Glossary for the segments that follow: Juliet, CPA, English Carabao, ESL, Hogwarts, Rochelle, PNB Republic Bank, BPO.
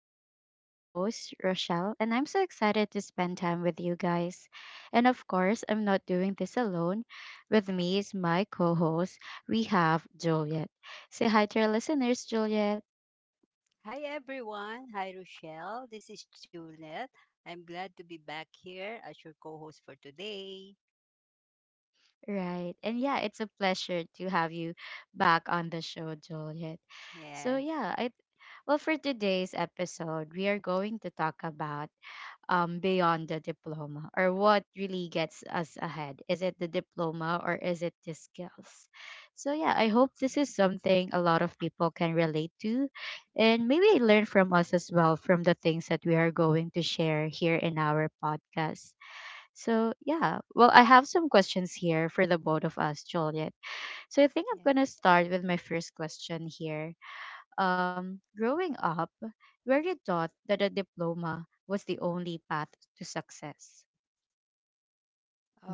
talks. I'm your host, Rochelle, and I'm so excited to spend time with you guys. And of course, I'm not doing this alone. With me is my co host, we have Juliet. Say hi to our listeners, Juliet. Hi everyone. Hi Rochelle. This is Juliet. I'm glad to be back here as your co-host for today. Right. And yeah, it's a pleasure to have you back on the show, Juliet. So Yes. yeah, I well for today's episode, we are going to talk about beyond the diploma, or what really gets us ahead? Is it the diploma or is it the skills? So, yeah, I hope this is something a lot of people can relate to and maybe learn from us as well from the things that we are going to share here in our podcast. So, yeah, well, I have some questions here for the both of us, Juliet. So, I think I'm going to Yes. start with my first question here. Growing up, were you taught that a diploma was the only path to success?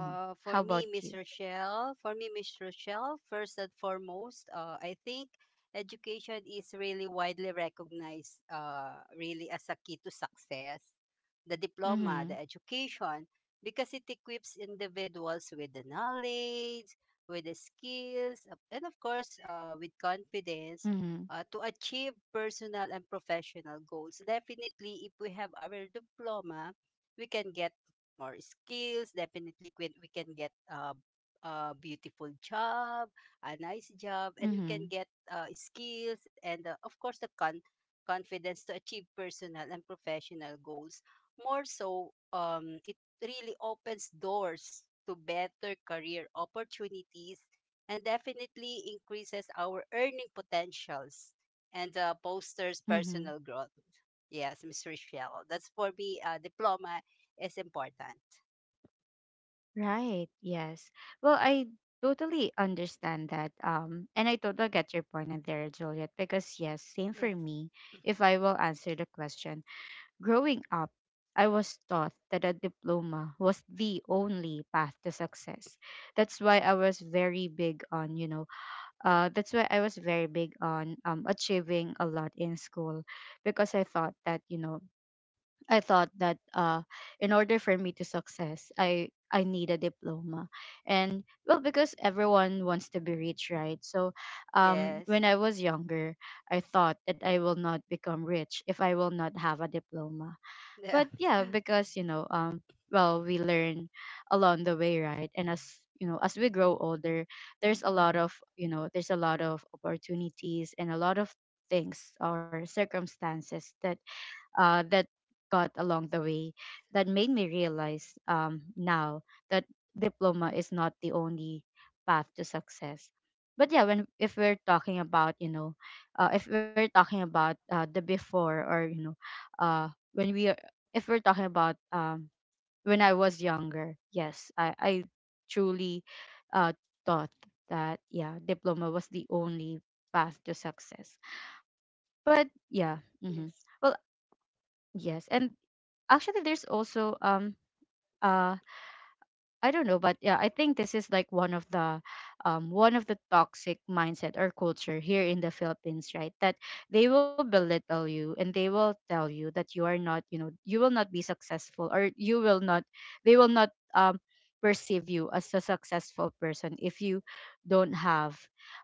Hmm. For How me, about Miss you? Rochelle, first and foremost, I think education is really widely recognized, really as a key to success. The diploma, Mm-hmm. the education, because it equips individuals with the knowledge, with the skills, and of course, with Mm-hmm. confidence. To achieve personal and professional goals. Definitely, if we have our diploma, we can get more skills. Definitely, we can get a beautiful job, a nice job, and we Mm-hmm. can get skills and, of course, the confidence to achieve personal and professional goals. More so, it really opens doors to better career opportunities and definitely increases our earning potentials and posters Mm-hmm. personal growth. Yes, Miss Rochelle. That's for me, diploma is important. Right. Yes. Well, I totally understand that. And I totally get your point in there, Juliet, because yes, same for Yes. me. If I will answer the question, growing up, I was taught that a diploma was the only path to success. That's why I was very big on, you know, that's why I was very big on achieving a lot in school because I thought that, you know, I thought that in order for me to success, I need a diploma. And well, because everyone wants to be rich, right? So when Yes. I was younger, I thought that I will not become rich if I will not have a diploma. But Yes. yeah, Yeah. because you know, well, we learn along the way, right? And as you know, as we grow older, there's a lot of, you know, there's a lot of opportunities and a lot of things or circumstances that that got along the way that made me realize now that diploma is not the only path to success. But yeah, when, if we're talking about, you know, if we're talking about the before, or you know, when we are, if we're talking about when I was younger, yes, I truly, uh, thought that yeah, diploma was the only path to success. But yeah. Hmm. Yes. Well, yes, and actually there's also uh I don't know, but yeah, I think this is like one of the toxic mindset or culture here in the Philippines, right? That they will belittle you and they will tell you that you are not, you know, you will not be successful, or you will not, they will not perceive you as a successful person if you don't have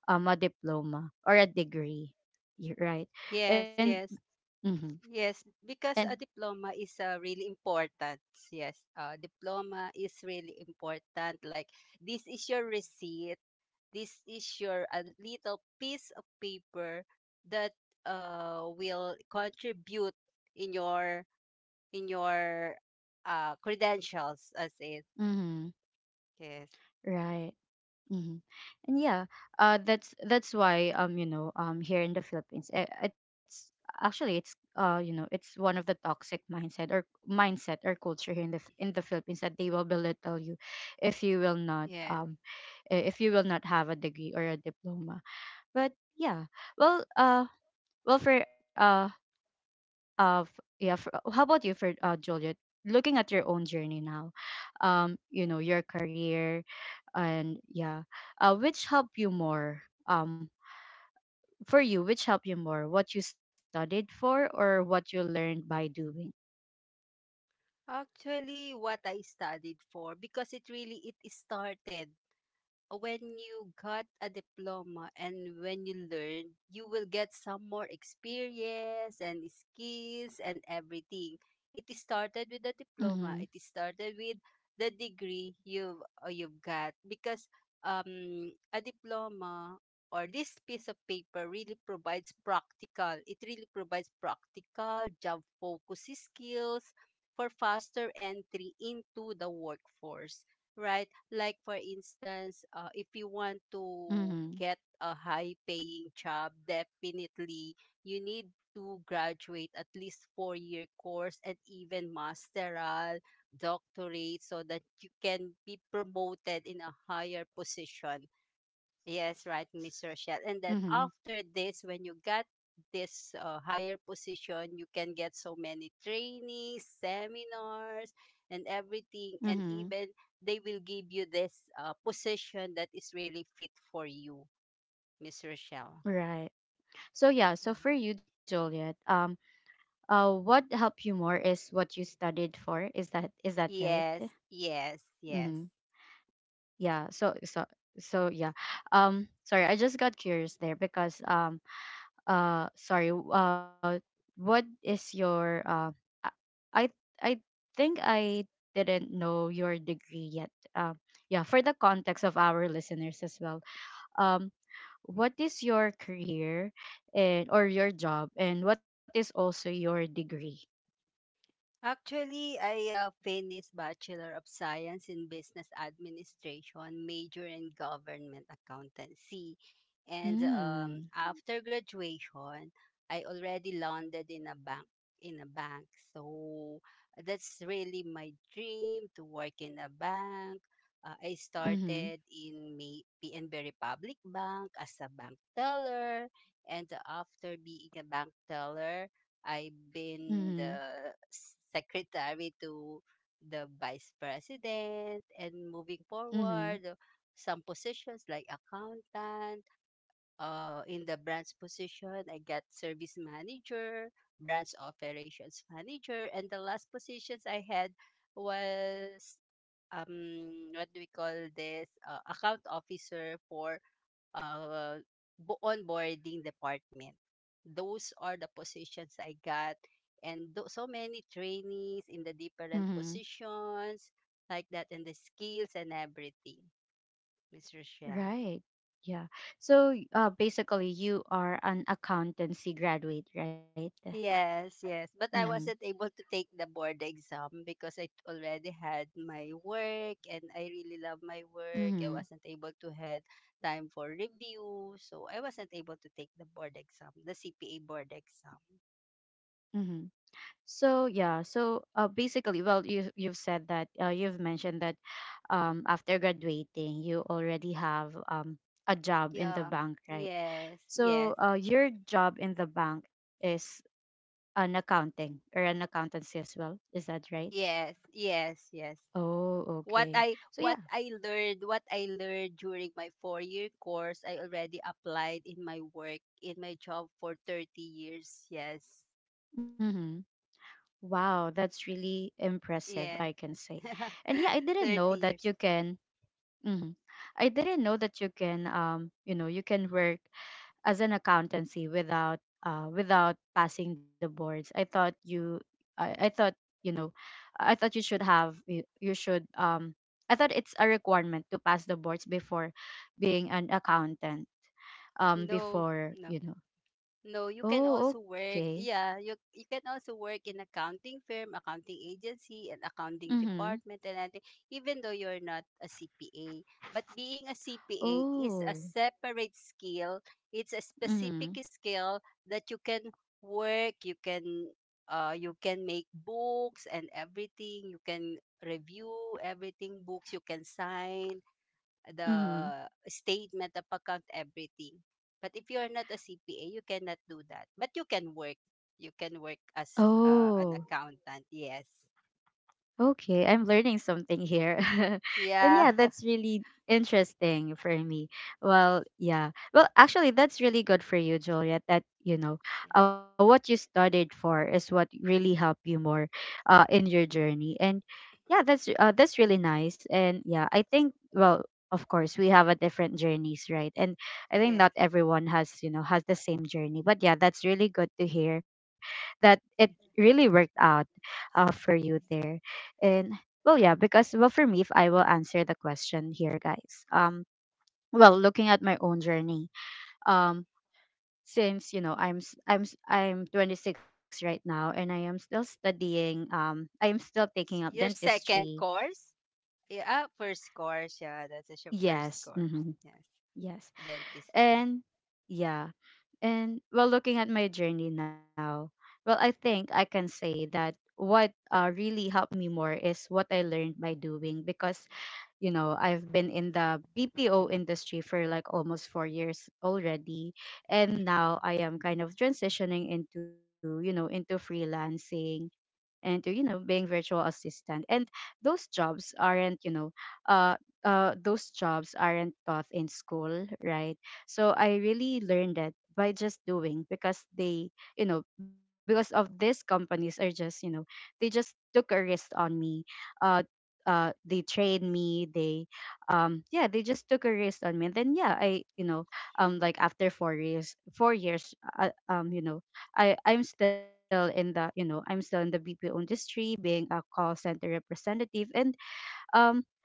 a diploma or a degree. You're right. Yes, And yes, mhm. yes. And Because a diploma is, really important. Yes, diploma is really important. Like, this is your receipt. This is your a little piece of paper that will contribute in your, in your credentials. As it. mhm. Yes. Right. Hmm. And yeah, that's why you know, here in the Philippines, it's actually, it's you know, it's one of the toxic mindset or mindset or culture here in the in the Philippines, that they will belittle you if you will not if you will not have a degree or a diploma. But yeah, well well for of yeah, for, how about you, for Juliet? Looking at your own journey now, you Yeah. know, your career, and yeah, which helped you more? Um, for you, which helped you more? What you studied for, or what you learned by doing? Actually, what I studied for, because it really it started when you got a diploma and when you learn, you will get some more experience and skills and everything. It started with the Mm-hmm. diploma. It started with the degree you've got because a diploma or this piece of paper Mm-hmm. really provides practical. It really provides practical job focus skills for faster entry into the workforce, right? Like, for instance, if you want Mm-hmm. to get a high paying job, definitely you need to graduate at least 4-year course and even masteral doctorate so that you can be promoted in a higher position. Yes, right, Miss Rochelle. And then Mm-hmm. after this, when you got this higher position, you can get so many trainings, seminars, and everything. And Mm-hmm. even they will give you this position that is really fit for you, Miss Rochelle. Right. So yeah, Mhm. so for you, Juliet, what helped you more is what you studied for. Is that right? Yes, yes, yes. Mm-hmm. yeah so so yeah. Um, sorry, I just got curious there because sorry, what is your i i I think I didn't know your degree yet. Um, yeah, for the context of our listeners as well, um, what is your career and or your job, and what is also your degree? Actually, I finished Bachelor of Science in Business Administration, major in Government Accountancy. And Mm. after graduation, I already landed in a bank, in a bank. So that's really my dream, to work in a bank. I Mhm. started in PNB Republic Bank as a bank teller, and after being a bank teller, I've Mhm. been the secretary to the vice president, and moving Mhm. forward, some positions like accountant, in the branch position I got service manager, branch operations manager, and the last positions I had was, what do we call this, account officer for, uh, onboarding department. Those are the positions I got, and so many trainees in the different Mhm. positions like that, and the skills and everything, Miss Rochelle. Right. Yeah. So basically, you are an accountancy graduate, right? Yes, yes. But Mm-hmm. I wasn't able to take the board exam because I already had my work and I really love my work. I Mm-hmm. wasn't able to had time for review. So I wasn't able to take the board exam, the CPA board exam. Mm-hmm. So yeah. So basically, well, you've said that you've mentioned that after graduating, you already have a job in the Yeah. bank, right? Yes. So Yes. Your job in the bank is an accounting or an accountancy as well. Is that right? Yes. Yes. Yes. Oh, What okay. I So what yeah. I learned what I learned during my 4-year course I already applied in my work, in my job, for 30 years. Yes. Mm-hmm. Wow, that's really impressive, I Yeah. can say. And yeah, I didn't thirty know that years. you can mhm. I didn't know that you can you know, you can work as an accountancy without without passing the boards. I thought you I thought, you know, I thought you should have you should I thought it's a requirement to pass the boards before being an accountant. Um, No. before, No. you know. No, you can Oh, also okay. work, yeah, you can also work in accounting firm, accounting agency, and accounting Mhm. department, and I think even though you're not a CPA, but being a CPA is a Oh. separate skill. It's a specific Mhm. skill that you can work, you can make books and everything, you can review everything, books you can sign, the Mhm. statement, the account, everything. But if you're not a CPA, you cannot do that. But you can work. You can work as an Oh. accountant. Yes. Okay, I'm learning something here. And Yeah. yeah, that's really interesting for me. Yes. Well, yeah. Well, actually, that's really good for you, Juliet, that, you know, what you studied for is what really helped you more in your journey. And yeah, that's really nice. And yeah, I think, well, of course, we have a different journeys, right? And I think not Yes. everyone has, you know, has the same journey. But yeah, that's really good to hear that it really Yes. worked out for you there. Yes. And well, yeah, because well for me, if I will answer the question here, guys. Well, looking at my own journey, um, since you know I'm 26 right now, and I am still studying. I am still taking up Your second dentistry. course. Yeah. First course. Yeah. That's your first Yes. course. Hmm. Yeah. Yes, Dentist. and yeah, and well, looking at my journey now, well, I think I can say that what really helped me more is what I learned by doing, because you know I've been in the BPO industry for like almost 4 years already. And now I am kind of transitioning into, you know, into freelancing, and to, you know, being virtual assistant. And those jobs aren't, you know, uh those jobs aren't taught in school, right? So I really learned that by just doing, because they, you know, because of these companies are just, you know, they just took a risk on me. uh they trained me, they yeah, they just took a risk on me. And then yeah, I you know, um, like after 4 years um, you know, I'm still in the, you know, I'm still in the BPO industry, being a call center representative. And um,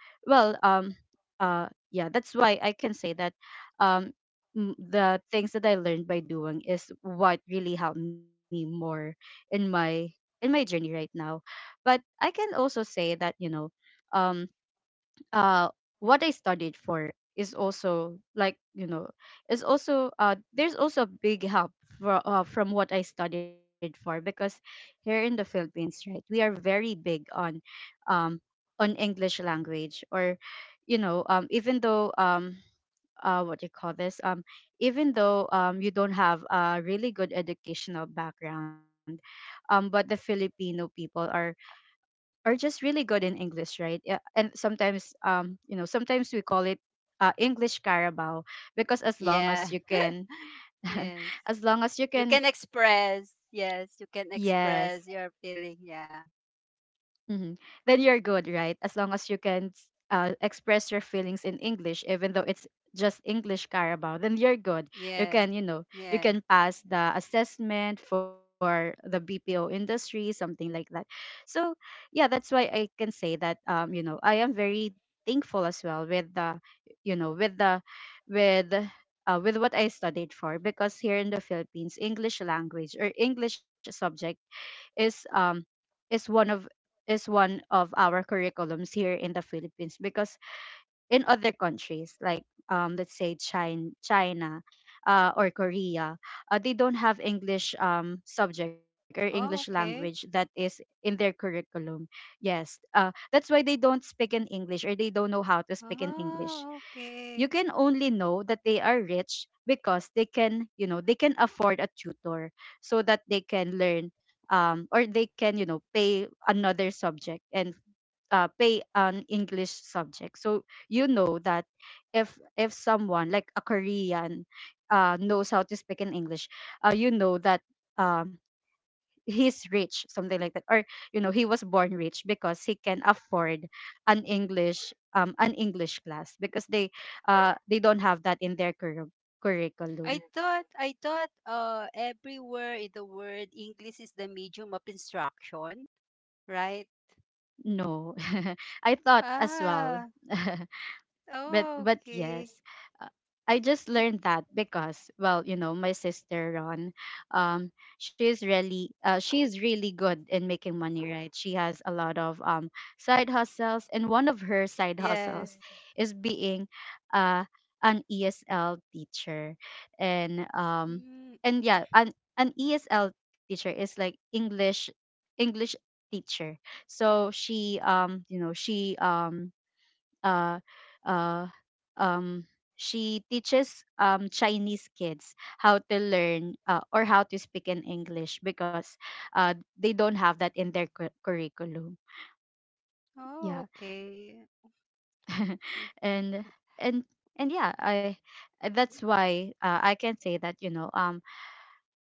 well yeah, that's why I can say that um the things that I learned by doing is what really helped me more in my in my journey right now. But I can also say that, you know, um, uh what I studied for is also, like, you know, is also there's also a big help for, from what I studied for, because here in the Philippines, right, we are very big um on English language. Or you know, um, even though um, what do you call this, um, even though um, you don't have a really good educational background, um, but the Filipino people are just really good in English, right? Yeah, and sometimes, you know, sometimes we call it English Carabao because as long Yeah. as you can, Yes. as long as you You can, can express. Yes. You can yes. express your feeling. Yeah. Hmm. Then you're good, right? As long as you can express your feelings in English, even though it's just English Carabao, then you're good. You Yeah. can, you know, you Yeah. can pass the assessment for the BPO industry, something like that. So, yeah, that's why I can say that, you know, I am very thankful as well with the, you know, with the, with, with what I studied for, because here in the Philippines, English language or English subject is um is one of is one of our curriculums here in the Philippines. Because in other countries like um, let's say China, or Korea, they don't have English subject or English Oh, language okay. that is in their curriculum. Yes, that's why they don't speak in English, or they don't know how to speak in English. Oh, You okay. can only know that they are rich because they can, you know, they can afford a tutor so that they can learn um, or they can, you know, pay another subject and pay an English subject. So you know that if someone like a Korean knows how to speak in English, you know that um, he's rich, something like that. Or you know, he was born rich because he can afford an English class because they don't have that in their I curriculum. thought I thought uh everywhere in the world English is the medium of instruction, right? No. I thought as well. Ah, but oh, but okay. yes, uh, I just learned that because, well, you know, my sister Ron, um she is really good in making money, right? She has a lot of side hustles, and one of her side Yes. hustles is being uh an ESL teacher. and um Mm, and yeah, an ESL teacher is like English, English teacher. So she, you know, she, uh, uh, um, she teaches, Chinese kids how to learn, or how to speak in English, because they don't have that in their curriculum. oh, Yeah. okay. So, and and and yeah, I that's why, I can say that, you know, um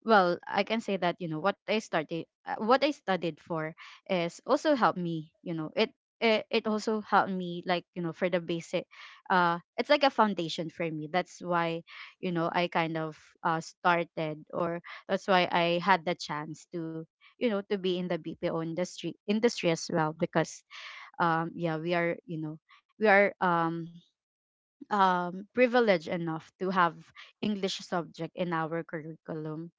well I can say that, you know what, I started what I studied for is also helped me, you know. It also helped me, like, you know, for the basic. It's like a foundation for me. That's why, you know, I kind of started, or that's why I had the chance to, you know, to be in the BPO industry as well, because yeah, we are, you know, we are, um, privileged enough to have English subject in our curriculum.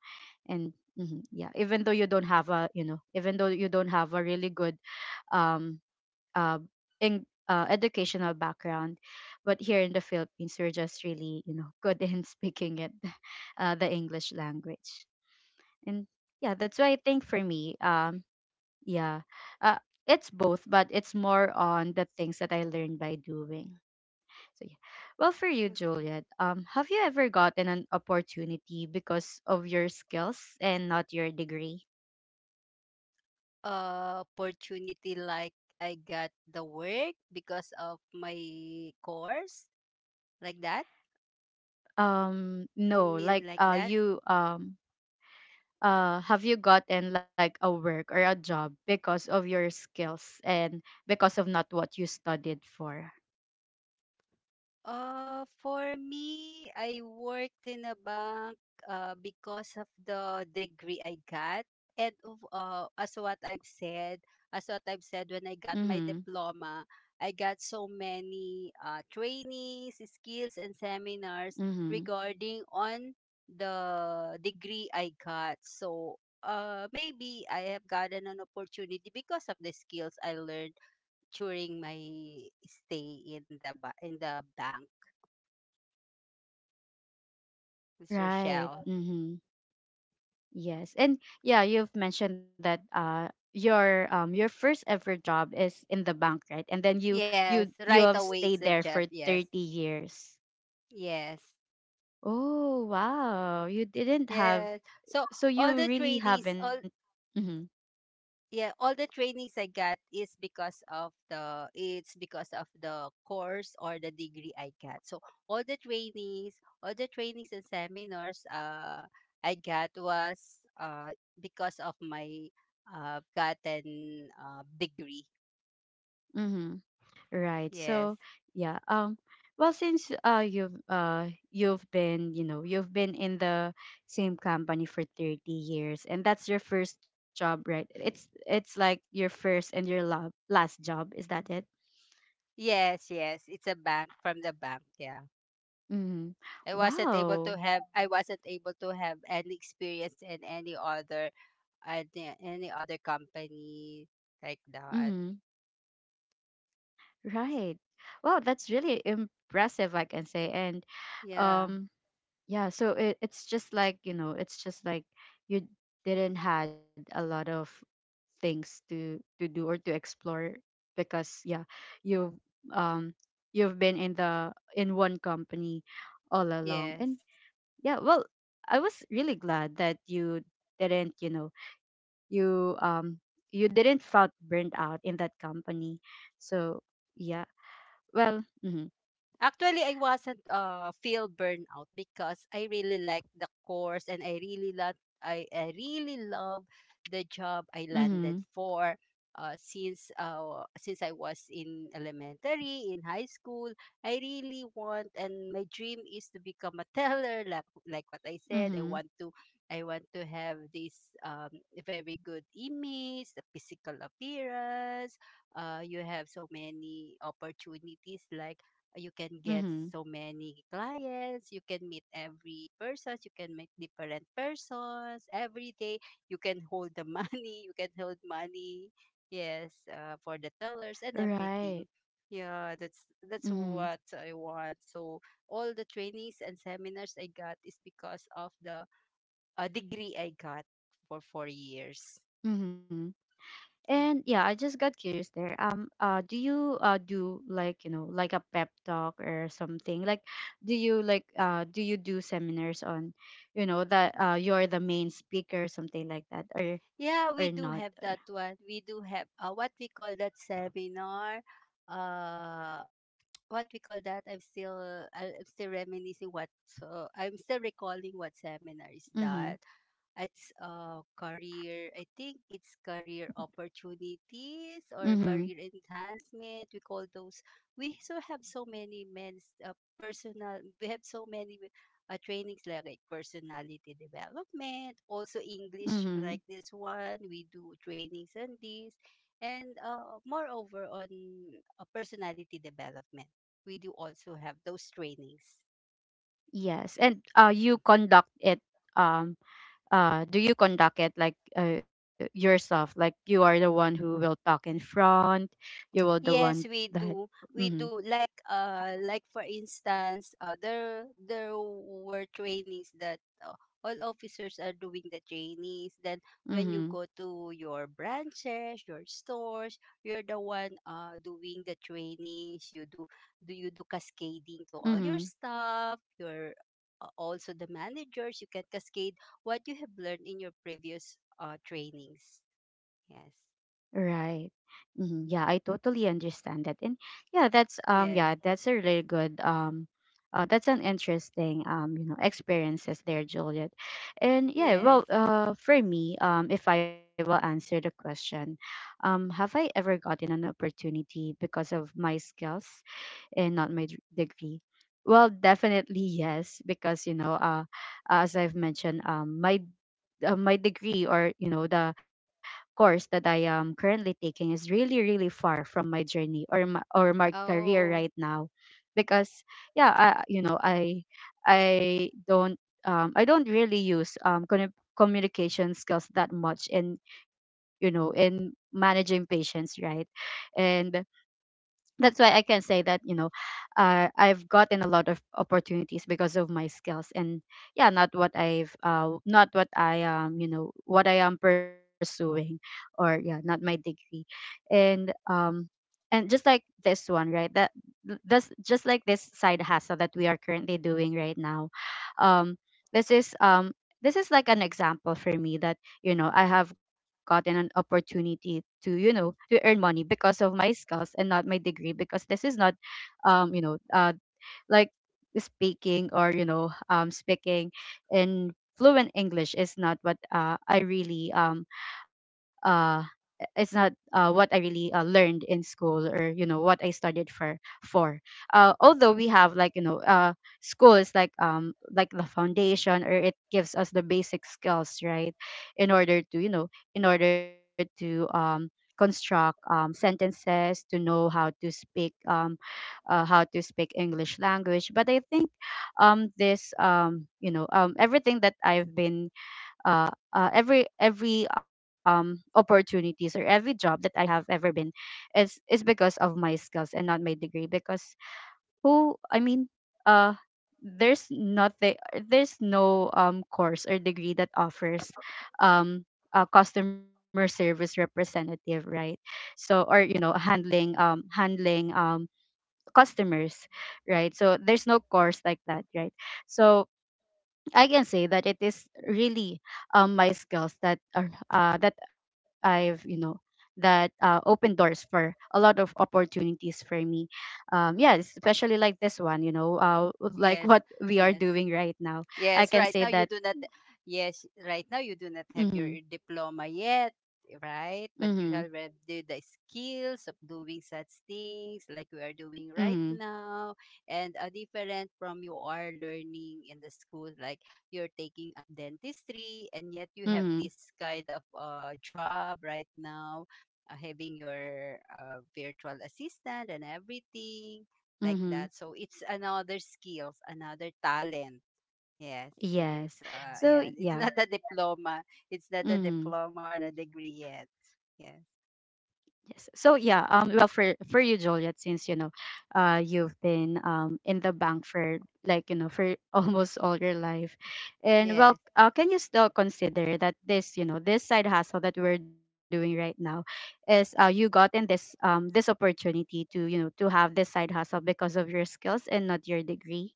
And mhm, yeah, even though you don't have a, you know, even though you don't have a really good um uh, in, educational background, but here in the Philippines, we're just really, you know, good in speaking it, the English language. And yeah, that's why I think, for me, yeah uh, it's both, but it's more on the things that I learned by doing. So yeah, well, for you, yeah. Juliet, have you ever gotten an opportunity because of your skills and not your degree? Opportunity, like, I got the work because of my course, like that. You No, mean like, like that? you, have you gotten like a work or a job because of your skills and because of not what you studied for? For me, I worked in a bank because of the degree I got. And of, uh, as what I've said, as what I've said, when I got my Mm-hmm. diploma, I got so many trainings, skills, and seminars Mm-hmm. regarding on the degree I got. So, maybe I have gotten an opportunity because of the skills I learned during my stay in the, in the bank. Miss Right. Rochelle. Mm-hmm. Yes. And yeah, you've mentioned that, your, your first ever job is in the bank, right? And then you, Yes, you right have away it's stayed a there job. for Yes, 30 years. yes, Oh, wow. You didn't yes. have, So so all you the really trainings, haven't. all, Mm-hmm. yeah, all the trainings I got is because of, the it's because of the course or the degree I got. So all the trainings and seminars, I got was, because of my, gotten, degree. Mm-hmm. Right. Yes. So yeah. Well, since you've, you've been, you know, you've been in the same company for 30, and that's your first job, right? It's like your first and your last job. Is that it? Yes, yes. It's a bank, from the bank, yeah. Mm. Wow. I wasn't able to have any experience in any other, any other company like Mm. that. Right. Wow, that's really impressive, I can say. And Yeah. um. Yeah, so it, it's just like, you know, it's just like you didn't had a lot of things to do or to explore, because, yeah, you've um you've been in the, in one company all along. And Yes. yeah, well, I was really glad that you didn't, you know, you, you didn't felt burnt out in that company. So, yeah. Well, mhm. Actually, I wasn't, feel burnout because I really like the course and I really love the job I landed Mhm. for, since, since I was in elementary, in high school. I really want, and my dream is to become a teller, like what I said. I want Mhm. to, have this very good image, the physical appearance. You have so many opportunities. Like, you can get Mhm. so many clients, you can meet every person, you can meet different persons every day, you can hold the money, you can hold money yes, for the tellers and everything. Right. Yeah, that's Mhm. what I want. So all the trainings and seminars I got is because of the, degree I got for 4 years. Mm-hmm. Yeah. And yeah, I just got curious there. Do you, do, like, you know, like a pep talk or something? Like, do you like, do you do seminars on, you know, that you're the main speaker or something like that, or Yeah, we not? do Or... have that one. We do have, what we call that seminar, uh what we call that, I'm still, I'm still reminiscing, what, so I'm still recalling what seminar is Mm-hmm. that. It's, career, I think it's career opportunities or Mm-hmm. career enhancement. We call those. We so have so many men's, personal. We have so many trainings, like personality development. Also English, Mm-hmm. like this one. We do trainings on this, and, moreover on, personality development. We do also have those trainings. Yes, and you Mm-hmm. conduct it, um, do you conduct it like, yourself? Like you are the one who will talk in front. You will the one Yes, we that. do. We do, Mm-hmm. like, like for instance, there were trainees that, all officers are doing the trainees. Then when you Mm-hmm. go to your branches, your stores, you're the one doing the trainees. You do cascading to all Mm-hmm. your staff, your, also the managers, you can cascade what you have learned in your previous trainings. Yes. Right. Mm-hmm. Yeah, I totally understand that. And yeah, that's um, Yeah. yeah, that's a really good um, that's an interesting um, you know, experiences there, Juliet. And yeah, Yeah. well, for me, um, if I will answer the question, um, have I ever gotten an opportunity because of my skills and not my degree? Well, definitely yes, because, you know, as I've mentioned, my my degree, or, you know, the course that I am currently taking is really, really far from my journey, or my career Oh. right now, because, yeah, you know, I don't, I don't really use, communication skills that much in, you know, in managing patients, right? And that's why I can say that, you know, I've gotten a lot of opportunities because of my skills, and yeah, not what I've, not what I am, you know, what I am pursuing, or yeah, not my degree, and um, and just like this one, right? That that's just like this side hustle that we are currently doing right now. Um, this is um, this is like an example for me that, you know, I have gotten an opportunity to, you know, to earn money because of my skills and not my degree, because this is not um, you know, like speaking, or, you know, um, speaking in fluent English is not what, I really um, uh it's not, what I really, learned in school, or, you know, what I studied for, for although we have, like, you know, school is like, um, like the foundation, or it gives us the basic skills, right, in order to, you know, in order to um, construct, um, sentences, to know how to speak um, how to speak English language. But I think this you know, everything that I've been, every opportunities or every job that I have ever been is because of my skills and not my degree. Because who, I mean, uh, there's nothing, there's no course or degree that offers um, a customer service representative, right? So or, you know, handling um, handling um, customers, right? So there's no course like that, right? So I can say that it is really my skills that are, that I've, you know, that, open doors for a lot of opportunities for me. Yeah, especially like this one, you know, like Yes, what we are yes. doing right now. I Yes, can right say now you that. do not. Yes, right now you do not have your Mm-hmm, diploma yet, right? mm-hmm, But you have read the skills of doing such things like we are doing mm-hmm, right now, and are different from you are learning in the school. Like, you're taking up dentistry, and yet you have mm-hmm, this kind of job right now, having your virtual assistant and everything like mm-hmm. that. So it's another skills, another talent. Yes. So Yes, it's yeah. not a diploma. It's not a Mm-hmm. diploma or a degree yet. Yes. Yes. So yeah, um, well, for you, Juliet, since, you know, uh, you've been in the bank for like, you know, for almost all your life. And well, Yes. Can you still consider that this, you know, this side hustle that we're doing right now is, uh, you gotten this um, this opportunity to, you know, to have this side hustle because of your skills and not your degree?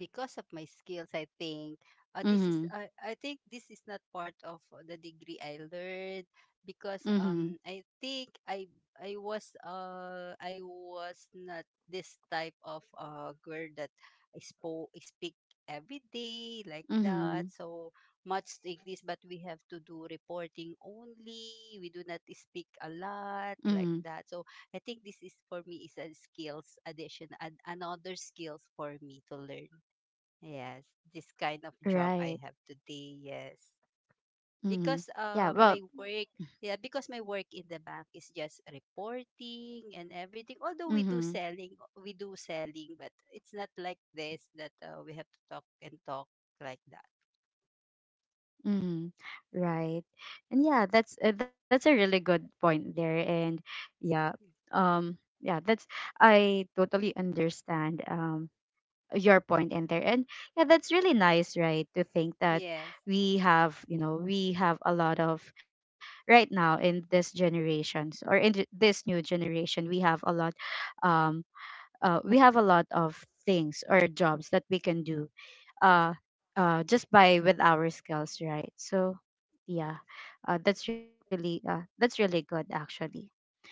Because of my skills, I think, uh, this is Mhm. I, I think this is not part of the degree I learned Mhm. because, I think I was not this type of girl that, I speak every day, like that, Mhm. so much English, but we have to do reporting only. We do not speak a Mhm. lot like that, so I think this, is for me, is a skills addition and another skills for me to learn. Yes, this kind of Right. job I have today, yes. Mhm. Because Yeah, uh well, my work, yeah, because my work in the bank is just reporting and everything. Although we mhm. do selling, but it's not like this that, we have to talk and talk, like that. Mm, Yes. right. And yeah, that's, that's a really good point there. And yeah, um, yeah, that's I totally understand um, your point in there. And yeah, that's really nice, right? To think that Yes. we have, you know, we have a lot of right now in this generations, or in this new generation, we have a lot, um, we have a lot of things or jobs that we can do, uh, just by with our skills, right? So yeah, Yes. That's really good actually.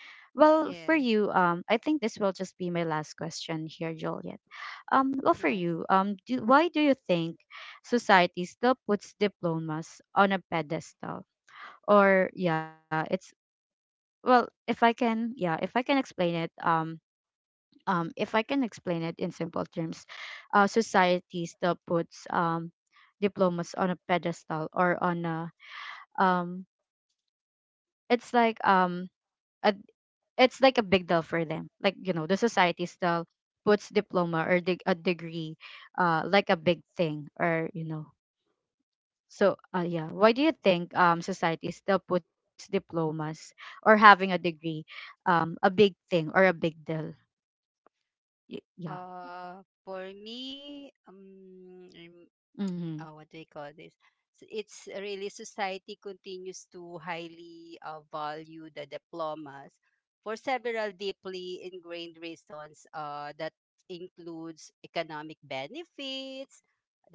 Well, for you, Yes. I think this will just be my last question here, Juliet. Well, for Yes. you, do, why do you think society still puts diplomas on a pedestal? Or yeah, it's, well, if I can, yeah, if I can explain it, if I can explain it in simple terms, society still puts diplomas on a pedestal, or on a um, it's like a, it's like a big deal for them. Like, you know, the society still puts diploma or a degree, like a big thing or, you know. So, yeah, why do you think society still puts diplomas or having a degree a big thing or a big deal? Yeah. For me, what Mm-hmm. do we call this? It's really society continues to highly value the diplomas for several deeply ingrained reasons, that includes economic benefits,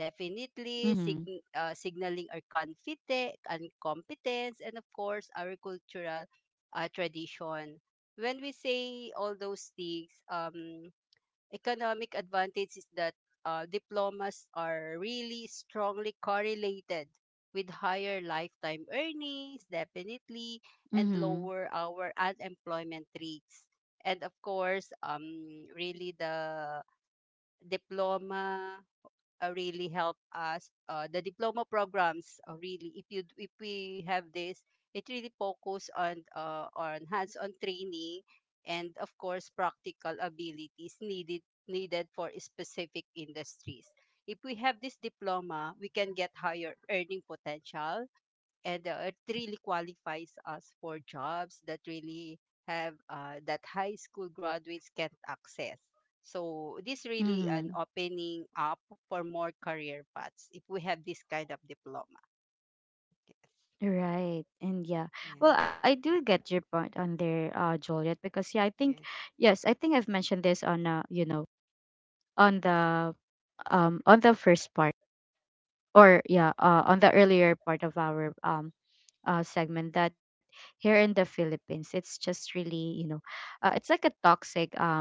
definitely Mm-hmm. Signaling our confidence and competence, and of course our cultural tradition. When we say all those things, economic advantage is that, diplomas are really strongly correlated with higher lifetime earnings, definitely, and Mm-hmm. lower our unemployment rates. And of course, really the diploma, really help us. The diploma programs, really, if we have this, it really focus on, on hands-on training and of course practical abilities needed for specific industries. If we have this diploma, we can get higher earning potential and, it really qualifies us for jobs that really have, that high school graduates can't access. So this really Mm, an opening up for more career paths if we have this kind of diploma. Yes. right. And yeah. Yeah. Well, I do get your point on there, Juliet, because, yeah, I think Yeah. yes, I think I've mentioned this on, you know, on the um, on the first part, or yeah, uh, on the earlier part of our um, uh, segment that here in the Philippines, it's just really, you know, it's like a toxic.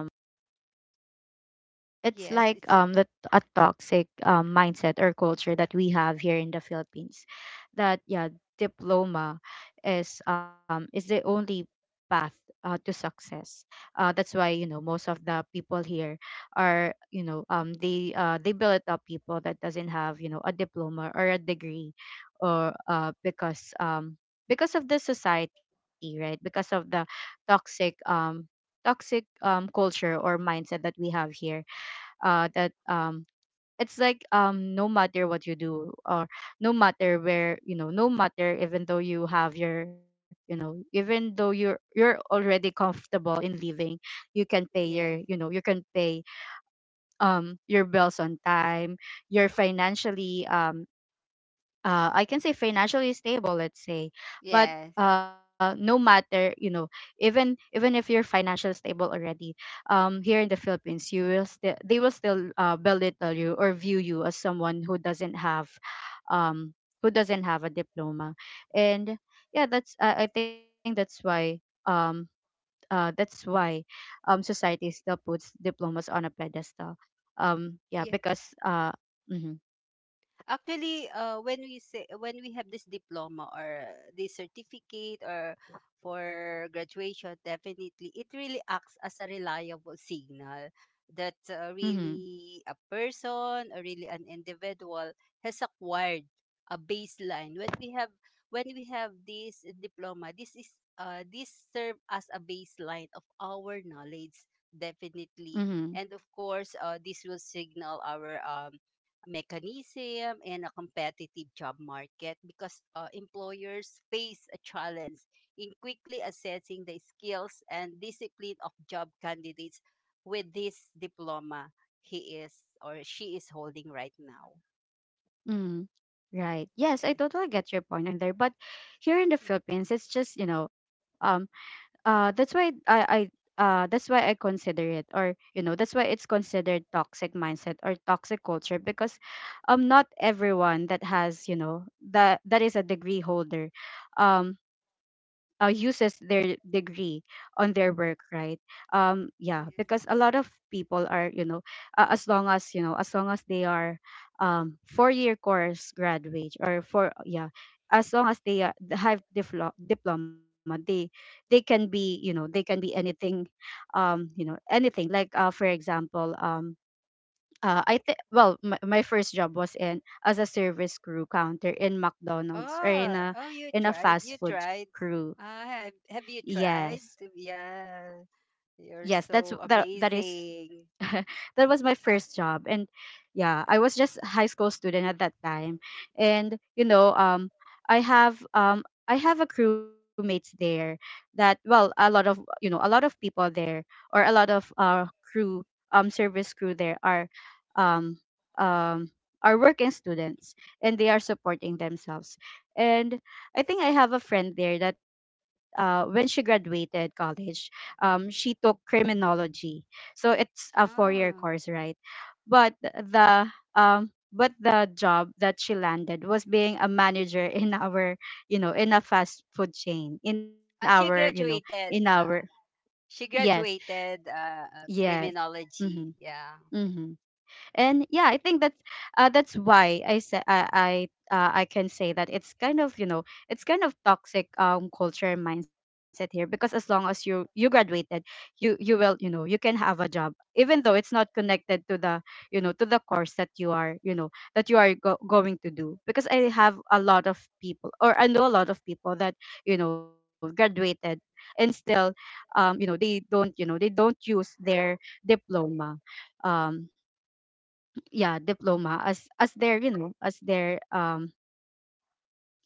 It's Yes. like It's the a toxic mindset or culture that we have here in the Philippines, that yeah, diploma is the only path to success. That's why, you know, most of the people here are, you know, they build up people that doesn't have, you know, a diploma or a degree. Or because Because of the society, right? Because of the toxic toxic culture or mindset that we have here. That It's like, no matter what you do or no matter where, you know, no matter, even though you have your, you know, even though you're already comfortable in living, you can pay your, Yeah. you know, you can pay your bills on time, you're financially I can say financially stable, let's say, but Yeah. No matter, you know, even if you're financially stable already, here in the Philippines, you will still, they will still belittle you or view you as someone um who doesn't have a diploma. And yeah, that's I think that's why, um that's why society still puts diplomas on a pedestal. Yeah, Yeah. because mm-hmm, Actually, when we say, when we have this diploma or this certificate or for graduation, definitely it really acts as a reliable signal that, mm-hmm, really a person or really an individual has acquired a baseline. When we have this diploma, this is, this serve as a baseline of our knowledge, mm-hmm. definitely, and of course, this will signal our, mechanism and a competitive job market because, employers face a challenge in quickly assessing the skills and discipline of job candidates with this diploma he is or she is holding right now. Mm, right. Yes, I Eh, totally get your point in there. But here in the eh. Philippines, it's just, you know, that's why that's why I consider it, or you know, that's why it's considered toxic mindset or toxic culture because, not everyone that has, you know, that is a degree holder, um, uses their degree on their work, right? Yeah, because a lot of people are, you know, as long as, you know, as long as they are 4-year course graduate or four, yeah, as long as they have diploma, they can be, you know, they can be anything, you know, anything like for example, I think, well, my first job was in as a service crew counter in McDonald's or Oh, oh, you in a tried. fast You food tried. crew. Ah, have you Yes. tried? Yeah, Yes, you're that's so that is amazing. that was my first job. And yeah, I was just a high school student at that time, and you know, I have I have a crewmates there, that well, a lot of, you know, a lot of people there or a lot of crew, service crew there, um um are working students and they are supporting themselves. And I think I have a friend there that when she graduated college, she took criminology. So it's a four-year Ah, course, right? But the but the job that she landed was being a manager in our, you know, in a fast food chain, in our, you she know, in graduated. our. She Yes, graduated uh, yes. criminology. Mhm. Yeah. Mhm. And yeah, I think that's why I said I can say that it's kind of, you know, it's kind of toxic culture and mindset here, because as long as you, graduated, you will, you know, you can have a job even though it's not connected to the, you know, to the course that you are, you know, that you are going to do. Because I have a lot of people, or I know a lot of people that, you know, graduated and still you know, they don't, you know, they don't use their diploma, um yeah, diploma as their, you know, as their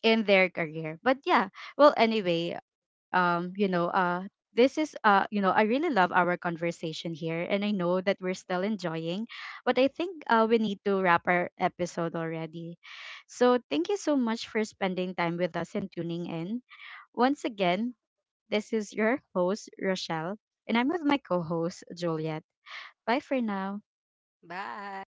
in their career. But yeah, well, anyway, you know, this is, you know, I really love our conversation here, and I know that we're still enjoying, but I think we need to wrap our episode already. So thank you so much for spending time with us and tuning in. Once again, this is your host, Rochelle, and I'm with my co-host, Juliet. Bye for now. Bye.